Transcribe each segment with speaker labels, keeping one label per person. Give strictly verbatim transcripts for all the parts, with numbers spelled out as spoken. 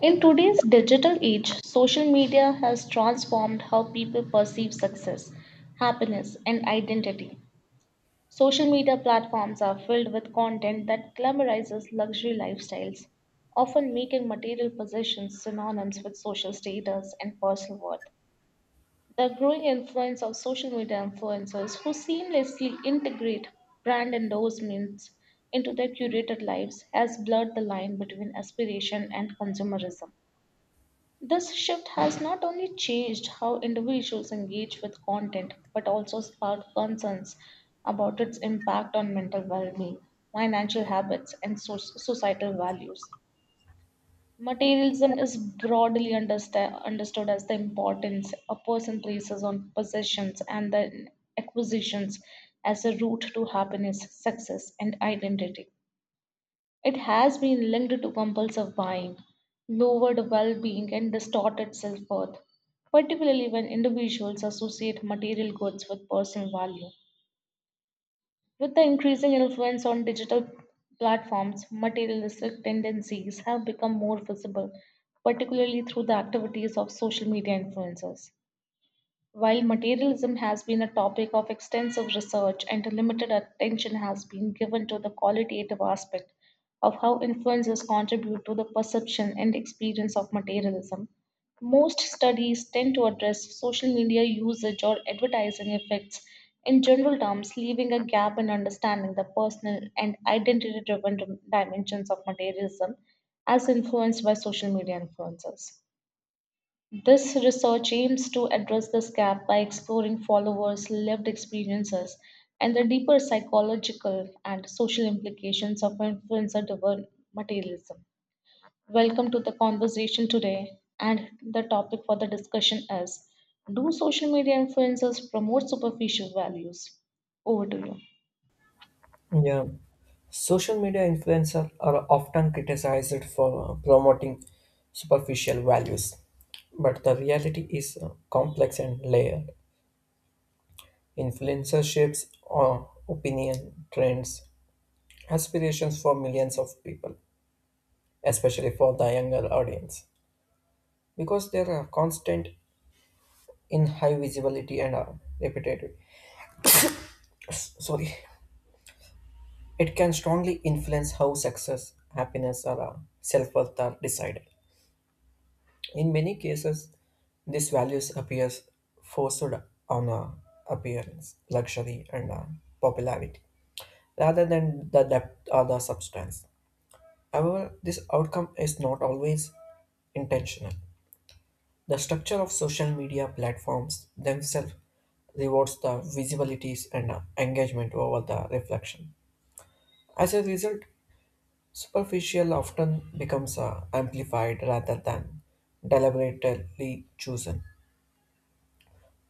Speaker 1: In today's digital age, social media has transformed how people perceive success, happiness, and identity. Social media platforms are filled with content that glamorizes luxury lifestyles, often making material possessions synonyms with social status and personal worth. The growing influence of social media influencers who seamlessly integrate brand endorsements into their curated lives has blurred the line between aspiration and consumerism. This shift has not only changed how individuals engage with content, but also sparked concerns about its impact on mental well being, financial habits, and so- societal values. Materialism is broadly understa- understood as the importance a person places on possessions and the acquisitions as a route to happiness, success, and identity. It has been linked to compulsive buying, lowered well being, and distorted self worth, particularly when individuals associate material goods with personal value. With the increasing influence on digital platforms, materialistic tendencies have become more visible, particularly through the activities of social media influencers. While materialism has been a topic of extensive research and limited attention has been given to the qualitative aspect of how influences contribute to the perception and experience of materialism, most studies tend to address social media usage or advertising effects in general terms, leaving a gap in understanding the personal and identity driven dimensions of materialism as influenced by social media influences. This research aims to address this gap by exploring followers' lived experiences and the deeper psychological and social implications of influencer driven materialism. Welcome to the conversation today, and the topic for the discussion is, do social media influencers promote superficial values? Over to you.
Speaker 2: Yeah, social media influencers are often criticized for uh, promoting superficial values, but the reality is uh, complex and layered. Influencerships or opinion trends, aspirations for millions of people, especially for the younger audience, because they are constant in high visibility and are repetitive. S- Sorry, it can strongly influence how success, happiness, or uh, self worth are decided. In many cases, these values appears forced on uh, appearance, luxury, and uh, popularity, rather than the depth or the substance. However, this outcome is not always intentional. The structure of social media platforms themselves rewards the visibilities and uh, engagement over the reflection. As a result, superficial often becomes uh, amplified rather than deliberately chosen.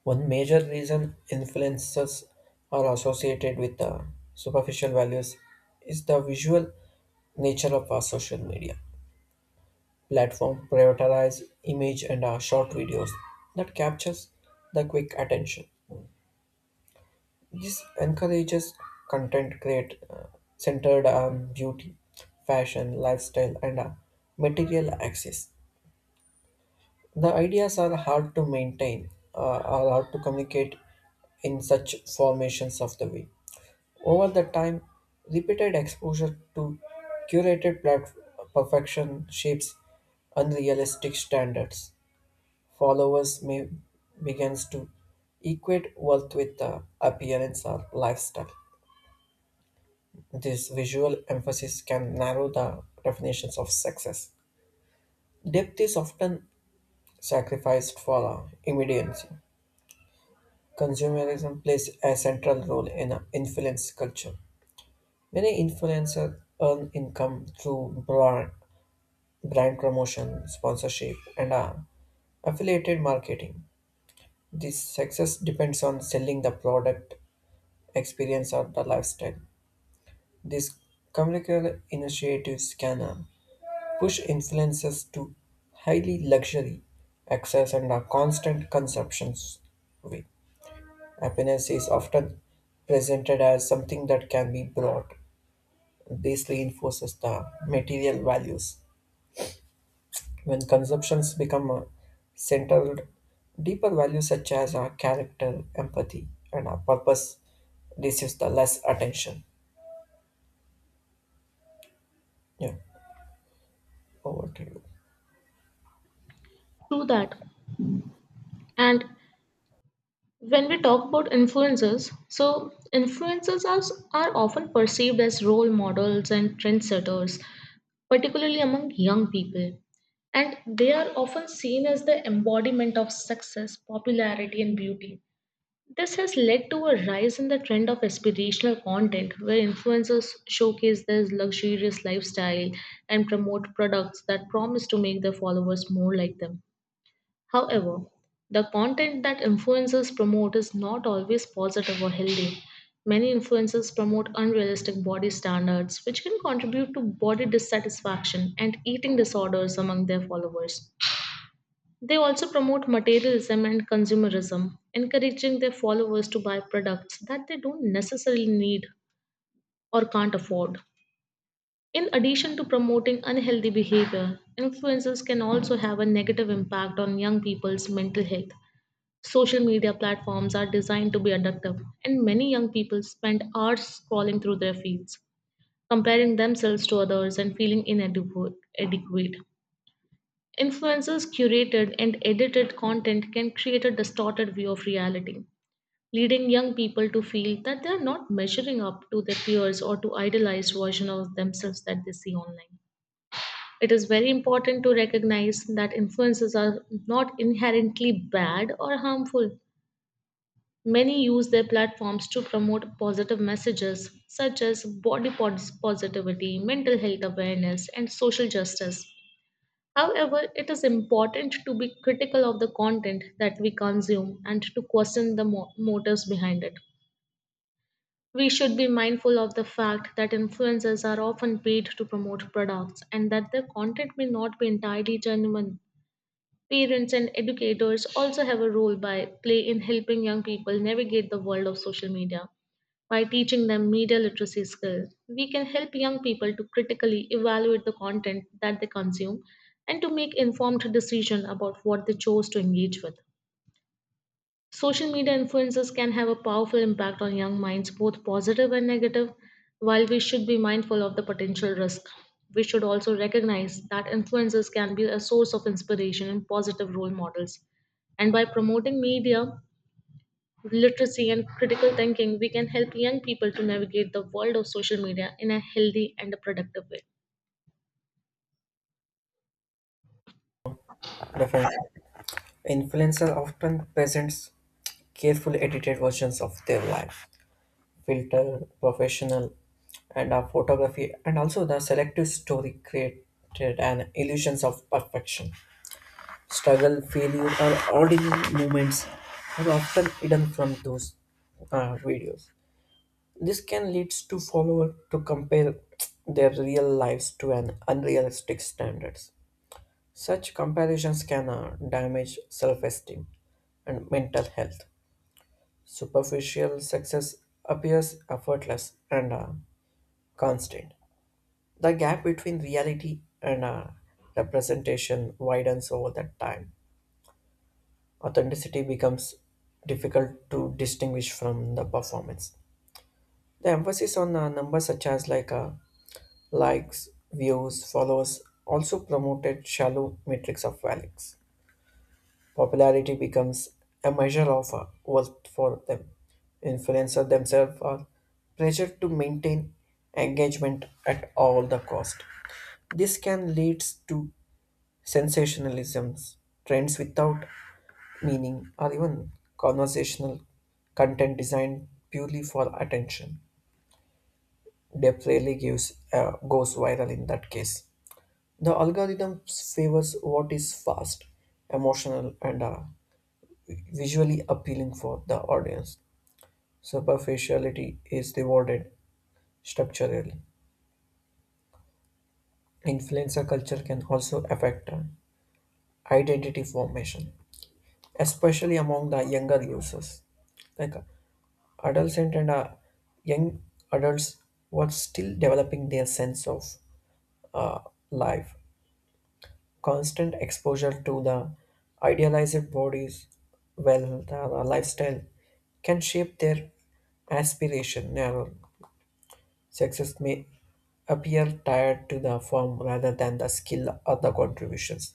Speaker 2: One major reason influences are associated with the superficial values is the visual nature of our social media platform prioritize image and uh, short videos that captures the quick attention. This encourages content create uh, centered on beauty, fashion, lifestyle, and uh, material access. The ideas are hard to maintain uh, or hard to communicate in such formations of the way. Over the time, repeated exposure to curated plat- perfection shapes unrealistic standards. Followers may begins to equate worth with the appearance or lifestyle. This visual emphasis can narrow the definitions of success. Depth is often sacrificed for uh, immediacy. Consumerism plays a central role in uh, influence culture. Many influencers earn income through brand brand promotion, sponsorship, and uh, affiliated marketing. This success depends on selling the product, experience, or the lifestyle. These commercial initiatives can uh, push influencers to highly luxury access and uh, constant consumptions way. Happiness is often presented as something that can be brought. This reinforces the material values. When consumptions become uh, centered, deeper values such as our character, empathy, and our purpose receives the less attention. Yeah, over to you.
Speaker 1: True that. And when we talk about influencers, so influencers are, are often perceived as role models and trendsetters, particularly among young people. And they are often seen as the embodiment of success, popularity, and beauty. This has led to a rise in the trend of aspirational content where influencers showcase their luxurious lifestyle and promote products that promise to make their followers more like them. However, the content that influencers promote is not always positive or healthy. Many influencers promote unrealistic body standards, which can contribute to body dissatisfaction and eating disorders among their followers. They also promote materialism and consumerism, encouraging their followers to buy products that they don't necessarily need or can't afford. In addition to promoting unhealthy behavior, influencers can also have a negative impact on young people's mental health. Social media platforms are designed to be addictive, and many young people spend hours scrolling through their feeds, comparing themselves to others and feeling inadequate. Adequate. Influencers' curated and edited content can create a distorted view of reality, leading young people to feel that they are not measuring up to their peers or to idealized version of themselves that they see online. It is very important to recognize that influences are not inherently bad or harmful. Many use their platforms to promote positive messages such as body pos- positivity, mental health awareness, and social justice. However, it is important to be critical of the content that we consume and to question the mo- motives behind it. We should be mindful of the fact that influencers are often paid to promote products and that their content may not be entirely genuine. Parents and educators also have a role by play in helping young people navigate the world of social media. By teaching them media literacy skills, we can help young people to critically evaluate the content that they consume and to make informed decisions about what they chose to engage with. Social media influences can have a powerful impact on young minds, both positive and negative. While we should be mindful of the potential risk, we should also recognize that influences can be a source of inspiration and positive role models. And by promoting media literacy and critical thinking, we can help young people to navigate the world of social media in a healthy and a productive way.
Speaker 2: Definitely. Influencer often presents carefully edited versions of their life, filter, professional, and our photography, and also the selective story created an illusions of perfection. Struggle, failure, or ordinary moments are often hidden from those uh, videos. This can lead to followers to compare their real lives to an unrealistic standards. Such comparisons can uh, damage self-esteem and mental health. Superficial success appears effortless and uh, constant. The gap between reality and uh, representation widens over that time. Authenticity becomes difficult to distinguish from the performance. The emphasis on uh, numbers such as like uh, likes, views, followers also promoted shallow metrics of values. Popularity becomes a measure of uh, worth for them. Influencers themselves are pressured to maintain engagement at all the cost. This can lead to sensationalisms, trends without meaning, or even conversational content designed purely for attention. Depth rarely gives uh, goes viral in that case. The algorithm favors what is fast, emotional, and uh, visually appealing for the audience. Superficiality is rewarded structurally. Influencer culture can also affect uh, identity formation, especially among the younger users. Like uh, adolescent and uh, young adults were still developing their sense of uh, life. Constant exposure to the idealized bodies, well, the lifestyle can shape their aspiration. Narrow success may appear tied to the form rather than the skill or the contributions.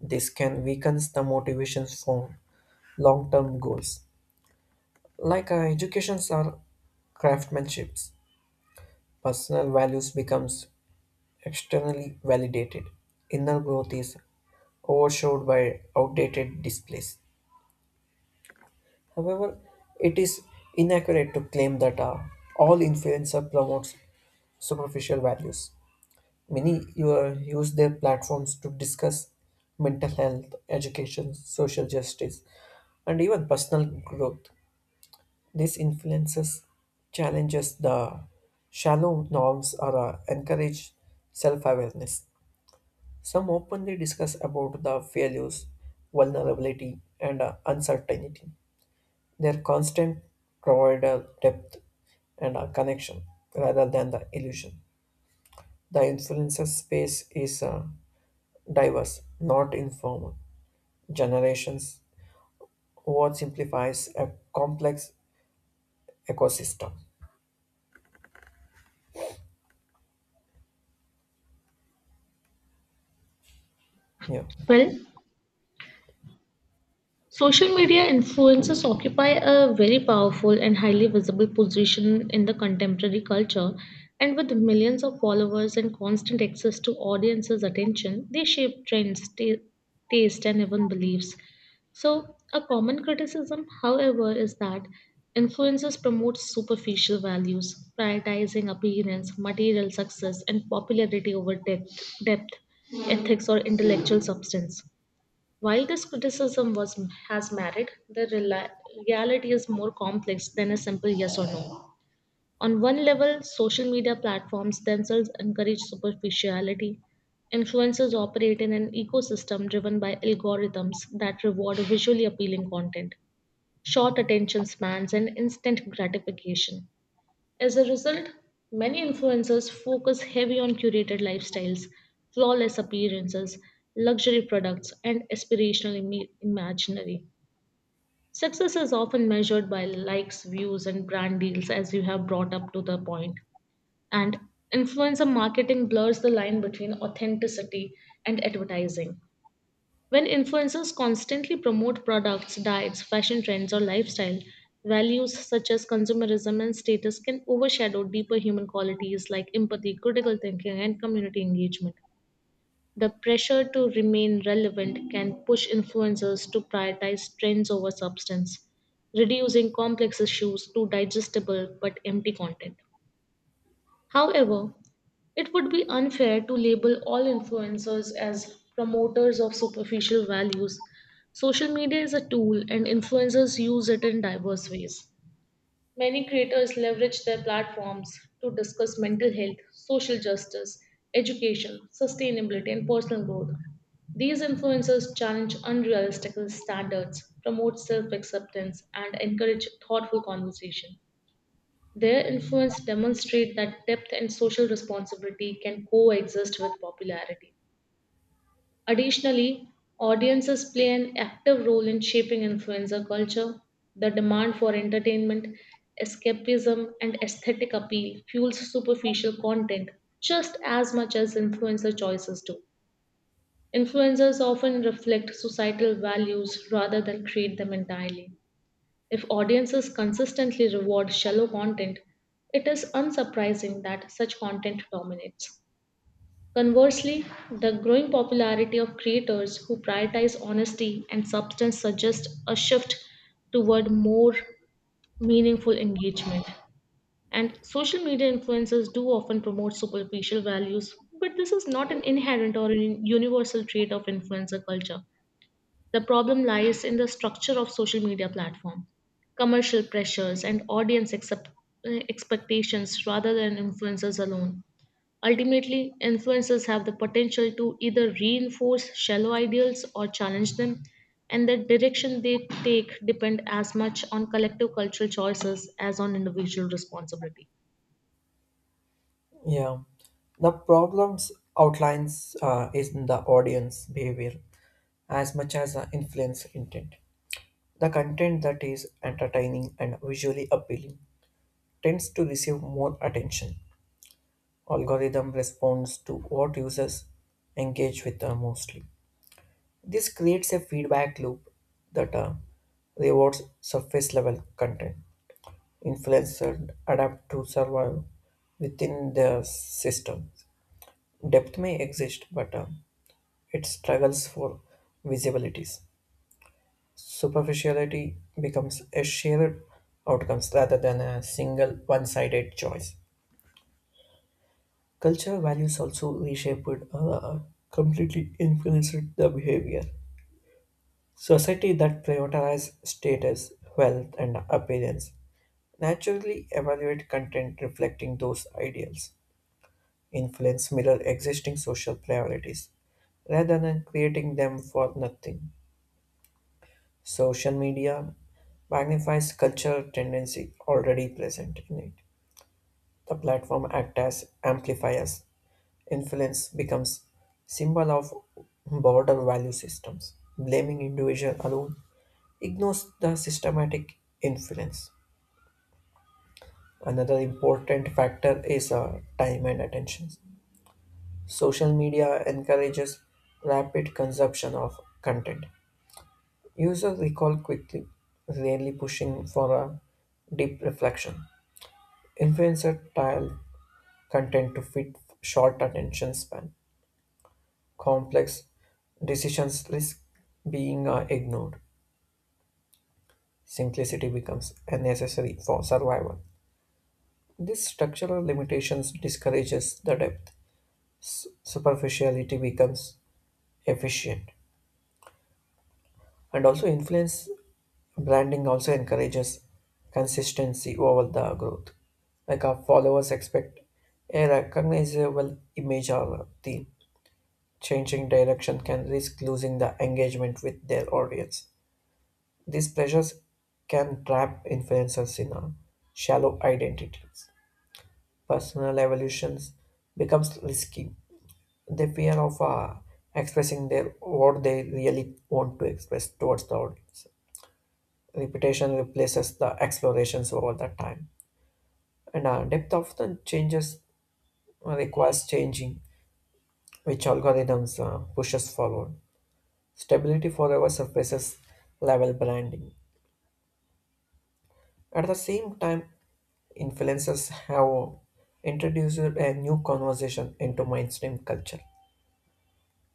Speaker 2: This can weaken the motivations for long-term goals. Like uh, educations are craftsmanships, personal values becomes externally validated. Inner growth is overshadowed by outdated displays. However, it is inaccurate to claim that uh, all influencer promotes superficial values. Many uh, use their platforms to discuss mental health, education, social justice, and even personal growth. These influences challenges the shallow norms or uh, encourage self-awareness. Some openly discuss about the failures, vulnerability, and uh, uncertainty their constant provide a depth and a connection rather than the illusion. The influencer space is uh, diverse, not informal. Generations what simplifies a complex ecosystem. Yeah.
Speaker 1: Well, social media influencers occupy a very powerful and highly visible position in the contemporary culture, and with millions of followers and constant access to audiences' attention, they shape trends, ta taste, and even beliefs. So, a common criticism, however, is that influencers promote superficial values, prioritizing appearance, material success, and popularity over depth, depth ethics, or intellectual substance. While this criticism was has merit, the rela- reality is more complex than a simple yes or no. On one level, social media platforms themselves encourage superficiality. Influencers operate in an ecosystem driven by algorithms that reward visually appealing content, short attention spans, and instant gratification. As a result, many influencers focus heavy on curated lifestyles, flawless appearances, luxury products, and aspirational imi- imaginary. Success is often measured by likes, views, and brand deals, as you have brought up to the point. And influencer marketing blurs the line between authenticity and advertising. When influencers constantly promote products, diets, fashion trends, or lifestyle, values such as consumerism and status can overshadow deeper human qualities like empathy, critical thinking, and community engagement. The pressure to remain relevant can push influencers to prioritize trends over substance, reducing complex issues to digestible but empty content. However, it would be unfair to label all influencers as promoters of superficial values. Social media is a tool, and influencers use it in diverse ways. Many creators leverage their platforms to discuss mental health, social justice, education, sustainability, and personal growth. These influencers challenge unrealistic standards, promote self acceptance, and encourage thoughtful conversation. Their influence demonstrate that depth and social responsibility can coexist with popularity. Additionally, audiences play an active role in shaping influencer culture. The demand for entertainment, escapism, and aesthetic appeal fuels superficial content just as much as influencer choices do. Influencers often reflect societal values rather than create them entirely. If audiences consistently reward shallow content, it is unsurprising that such content dominates. Conversely, the growing popularity of creators who prioritize honesty and substance suggests a shift toward more meaningful engagement. And social media influencers do often promote superficial values, but this is not an inherent or a universal trait of influencer culture. The problem lies in the structure of social media platform, commercial pressures and audience accept- uh, expectations rather than influencers alone. Ultimately, influencers have the potential to either reinforce shallow ideals or challenge them, and the direction they take depend as much on collective cultural choices as on individual responsibility.
Speaker 2: Yeah, the problems outlines uh, is in the audience behavior as much as the influence intent. The content that is entertaining and visually appealing tends to receive more attention algorithm responds to what users engage with uh, mostly. This creates a feedback loop that uh, rewards surface level content. Influencers adapt to survive within their systems. Depth may exist, but uh, it struggles for visibilities. Superficiality becomes a shared outcomes rather than a single one-sided choice. Cultural values also reshaped, uh, uh, completely influenced the behavior. Society that prioritize status, wealth, and appearance naturally evaluate content reflecting those ideals. Influence mirror existing social priorities rather than creating them for nothing. Social media magnifies cultural tendency already present in it. The platform acts as amplifiers influence becomes symbol of broader value systems. Blaming individual alone ignores the systematic influence. Another important factor is uh, time and attention. Social media encourages rapid consumption of content. Users recall quickly, rarely pushing for a deep reflection. Influencer tile content to fit short attention span complex decisions risk being uh, ignored. Simplicity becomes unnecessary for survival. This structural limitations discourages the depth. S- superficiality becomes efficient and also influence branding also encourages consistency over the growth. Like our followers expect a recognizable image or theme. Changing direction can risk losing the engagement with their audience. These pressures can trap influencers in a shallow identities. Personal evolutions becomes risky. They fear of uh, expressing their what they really want to express towards the audience. Repetition replaces the explorations over the time, and uh, depth often changes uh, requires changing, which algorithms uh, pushes forward. Stability forever surfaces level branding. At the same time, influences have introduced a new conversation into mainstream culture.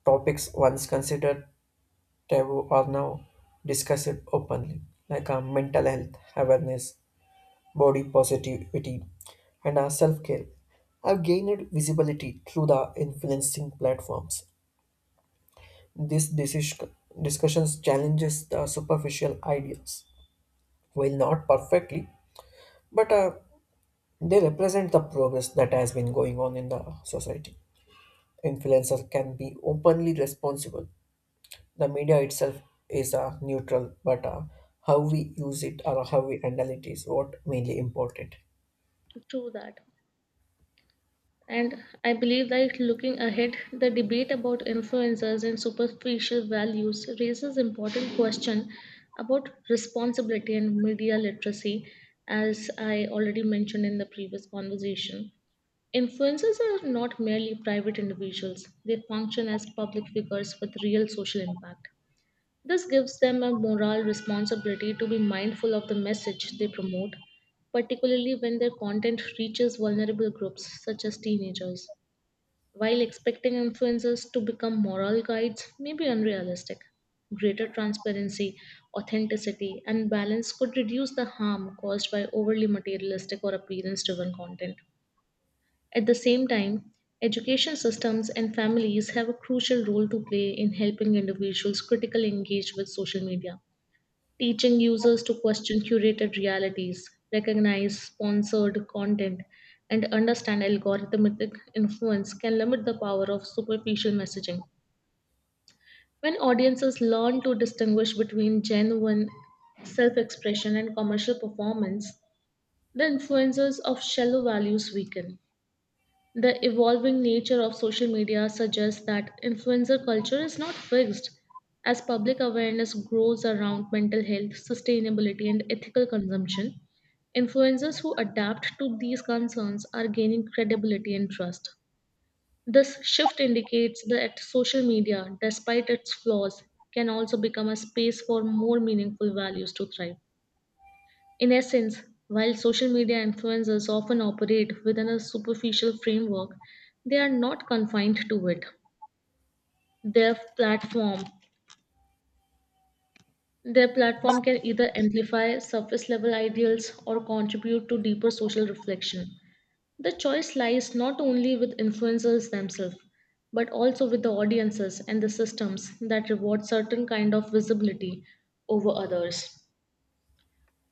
Speaker 2: Topics once considered taboo are now discussed openly, like uh, mental health awareness, body positivity, and uh, self care, have gained visibility through the influencing platforms. This decision, discussions challenges the superficial ideas, while not perfectly, but uh, they represent the progress that has been going on in the society. Influencers can be openly responsible. The media itself is uh, neutral, but uh, how we use it or how we handle it is what mainly important.
Speaker 1: True that. And I believe that looking ahead, the debate about influencers and superficial values raises important question about responsibility and media literacy, as I already mentioned in the previous conversation. Influencers are not merely private individuals, they function as public figures with real social impact. This gives them a moral responsibility to be mindful of the message they promote, particularly when their content reaches vulnerable groups such as teenagers. While expecting influencers to become moral guides may be unrealistic, greater transparency, authenticity, and balance could reduce the harm caused by overly materialistic or appearance driven content. At the same time, education systems and families have a crucial role to play in helping individuals critically engage with social media, teaching users to question curated realities, recognize sponsored content, and understand algorithmic influence can limit the power of superficial messaging. When audiences learn to distinguish between genuine self expression and commercial performance, the influences of shallow values weaken. The evolving nature of social media suggests that influencer culture is not fixed. As public awareness grows around mental health, sustainability, and ethical consumption, influencers who adapt to these concerns are gaining credibility and trust. This shift indicates that social media, despite its flaws, can also become a space for more meaningful values to thrive. In essence, while social media influencers often operate within a superficial framework, they are not confined to it. Their platform their platform can either amplify surface level ideals or contribute to deeper social reflection. The choice lies not only with influencers themselves, but also with the audiences and the systems that reward certain kind of visibility over others.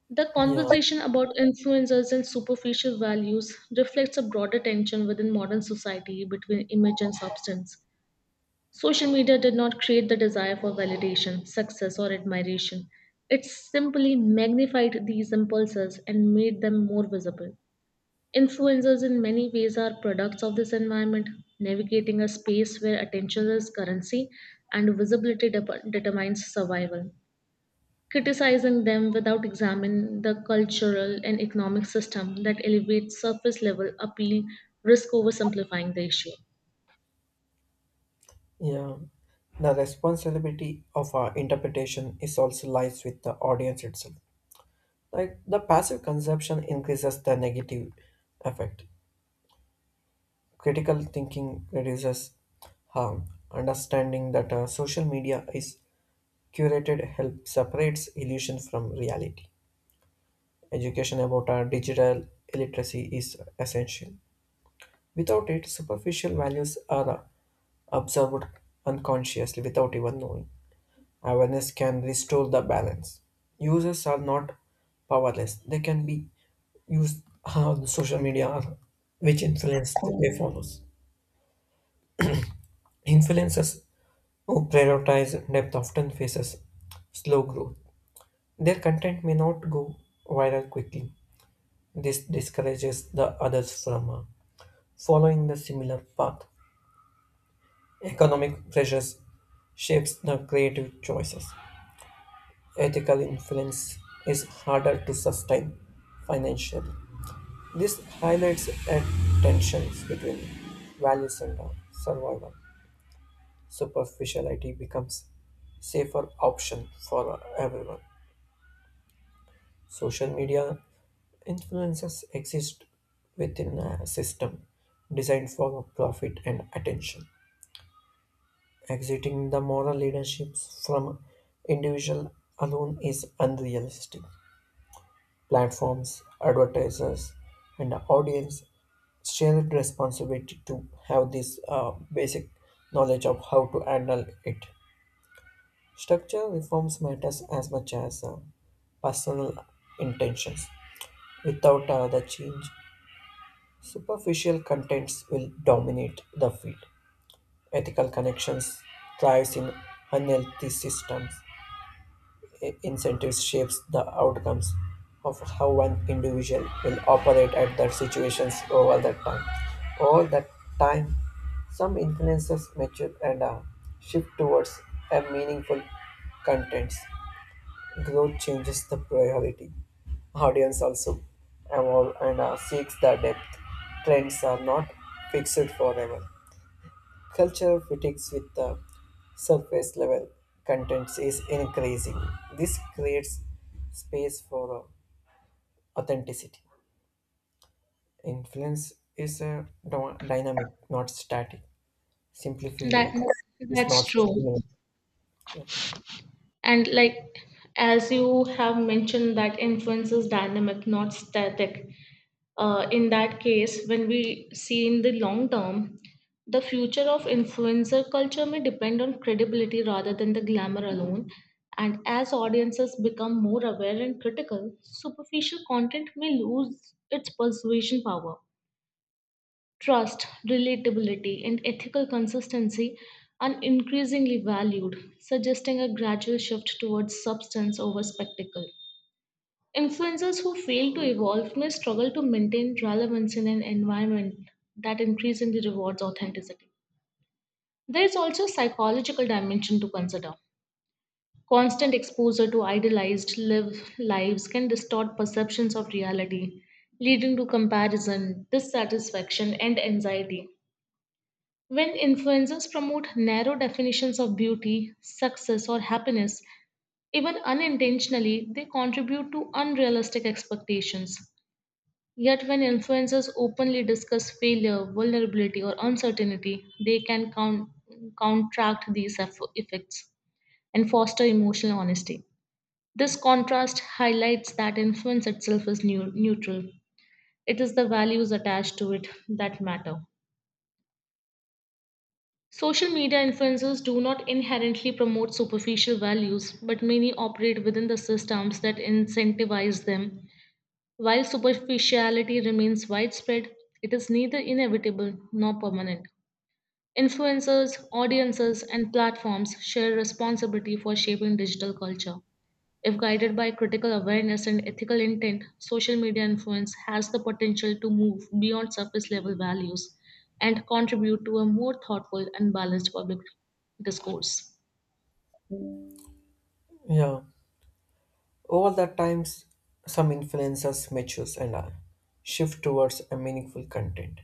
Speaker 1: The
Speaker 2: Yeah,
Speaker 1: conversation about influencers and superficial values reflects a broader tension within modern society between image and substance. Social media did not create the desire for validation, success, or admiration. It simply magnified these impulses and made them more visible. Influencers, in many ways, are products of this environment, navigating a space where attention is currency and visibility de- determines survival, criticizing them without examining the cultural and economic system that elevates surface level appeal risk over simplifying the issue.
Speaker 2: yeah. The responsibility of our interpretation is also lies with the audience itself. Like the passive consumption increases the negative effect. Critical thinking reduces harm. Understanding that uh, social media is curated help separates illusion from reality. Education about our digital literacy is essential. Without it, superficial values are absorbed unconsciously without even knowing. Awareness can restore the balance. Users are not powerless, they can be used on social media or which influence they follow. Influencers who prioritize depth often faces slow growth. Their content may not go viral quickly. This discourages the others from uh, following the similar path, economic pressures shapes the creative choices. Ethical influence is harder to sustain financially. This highlights a tensions between values and survival. Superficiality becomes safer option for everyone. Social media influences exist within a system designed for profit and attention. Exiting the moral leadership from individual alone is unrealistic. Platforms, advertisers, and the audience share the responsibility to have this uh, basic knowledge of how to handle it. Structure reforms matters as much as uh, personal intentions. Without uh, the change, superficial contents will dominate the feed. Ethical connections thrives in unhealthy systems. Incentives shapes the outcomes of how one individual will operate at that situations over that time. Over that time, some influences mature and uh, shift towards a meaningful contents. Growth changes the priority. Audience also evolve and uh, seeks the depth. Trends are not fixed forever. Culture critics with the surface level contents is increasing. This creates space for uh, authenticity. Influence is a dy- dynamic, not static. Simplify
Speaker 1: That,
Speaker 2: is
Speaker 1: that's
Speaker 2: not
Speaker 1: true.
Speaker 2: static. Yeah.
Speaker 1: And like, as you have mentioned that influence is dynamic not static. Uh, in that case, when we see in the long term, the future of influencer culture may depend on credibility rather than the glamour alone. And as audiences become more aware and critical, superficial content may lose its persuasion power. Trust, relatability, and ethical consistency are increasingly valued, suggesting a gradual shift towards substance over spectacle. Influencers who fail to evolve may struggle to maintain relevance in an environment that increasingly rewards authenticity. There is also a psychological dimension to consider. Constant exposure to idealized live lives can distort perceptions of reality, leading to comparison, dissatisfaction, and anxiety. When influencers promote narrow definitions of beauty, success, or happiness, even unintentionally, they contribute to unrealistic expectations. Yet, when influencers openly discuss failure, vulnerability, or uncertainty, they can count, counteract these eff- effects and foster emotional honesty. This contrast highlights that influence itself is neu- neutral, it is the values attached to it that matter. Social media influencers do not inherently promote superficial values, but many operate within the systems that incentivize them. While superficiality remains widespread, it is neither inevitable nor permanent. Influencers, audiences, and platforms share responsibility for shaping digital culture. If guided by critical awareness and ethical intent, social media influence has the potential to move beyond surface level values and contribute to a more thoughtful and balanced public discourse.
Speaker 2: Yeah. Over the times, some influencers matures and uh, shift towards a meaningful content.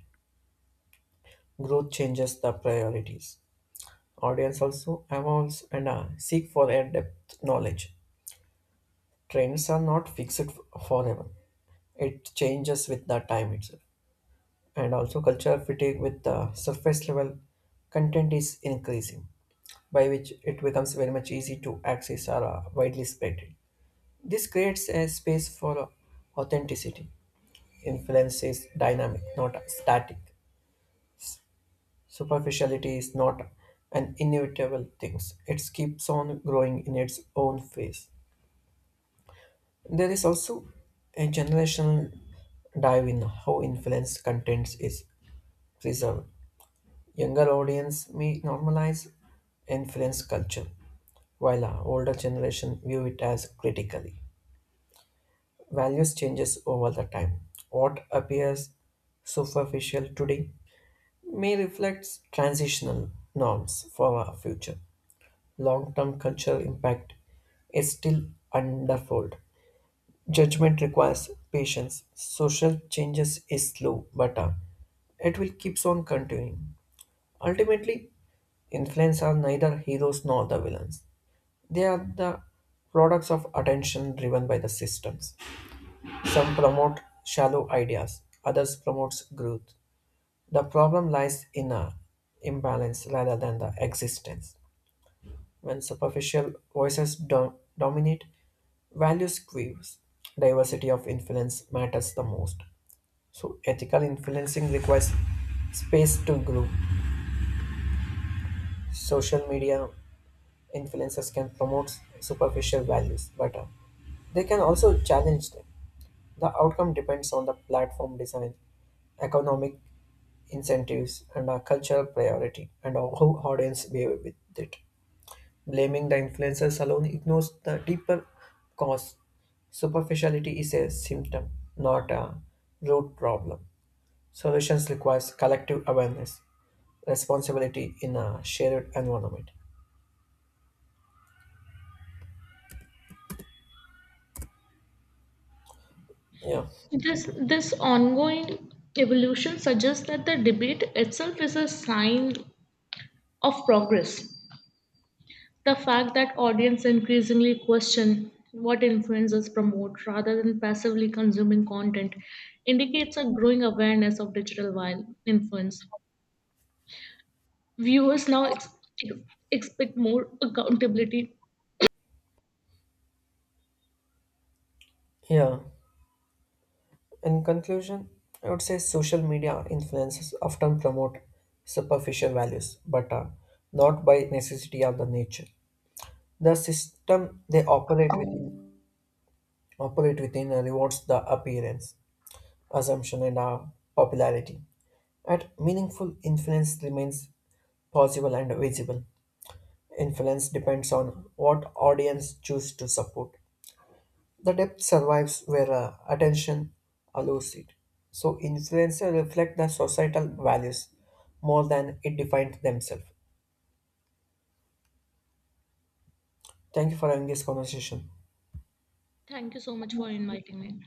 Speaker 2: Growth changes the priorities. Audience also evolves and uh, seek for a depth knowledge. Trends are not fixed forever. It changes with the time itself. And also cultural fatigue with the surface level content is increasing, by which it becomes very much easy to access or uh, widely spread. This creates a space for authenticity. Influence is dynamic, not static. Superficiality is not an inevitable thing. It keeps on growing in its own phase. There is also a generational dive in how influence content is preserved. Younger audience may normalize influence culture, while our older generation view it as critically. Values changes over the time. What appears superficial today may reflect transitional norms for our future. Long-term cultural impact is still underfold. Judgment requires patience. Social changes is slow, but uh, it will keeps on continuing. Ultimately, influence are neither heroes nor the villains. They are the products of attention driven by the systems. Some promote shallow ideas, others promotes growth. The problem lies in a imbalance rather than the existence. When superficial voices do- dominate, values quivers. Diversity of influence matters the most. So ethical influencing requires space to grow. Social media influencers can promote superficial values, but uh, they can also challenge them. The outcome depends on the platform design, economic incentives, and uh, cultural priority, and uh, how audience behave with it. Blaming the influencers alone ignores the deeper cause. Superficiality is a symptom, not a root problem. Solutions requires collective awareness responsibility in a shared environment. Yeah,
Speaker 1: This, this ongoing evolution suggests that the debate itself is a sign of progress. The fact that audience increasingly question what influencers promote rather than passively consuming content indicates a growing awareness of digital vi- influence. Viewers now ex- expect more accountability.
Speaker 2: yeah. In conclusion, I would say social media influences often promote superficial values, but uh, not by necessity of the nature. The system they operate within operate within uh, rewards the appearance, assumption, and uh, popularity. At meaningful influence remains possible and visible. Influence depends on what audience choose to support. The depth survives where uh, attention allows it. So influencers reflect the societal values more than it defines themselves. Thank you for having this conversation.
Speaker 1: Thank you so much for inviting me.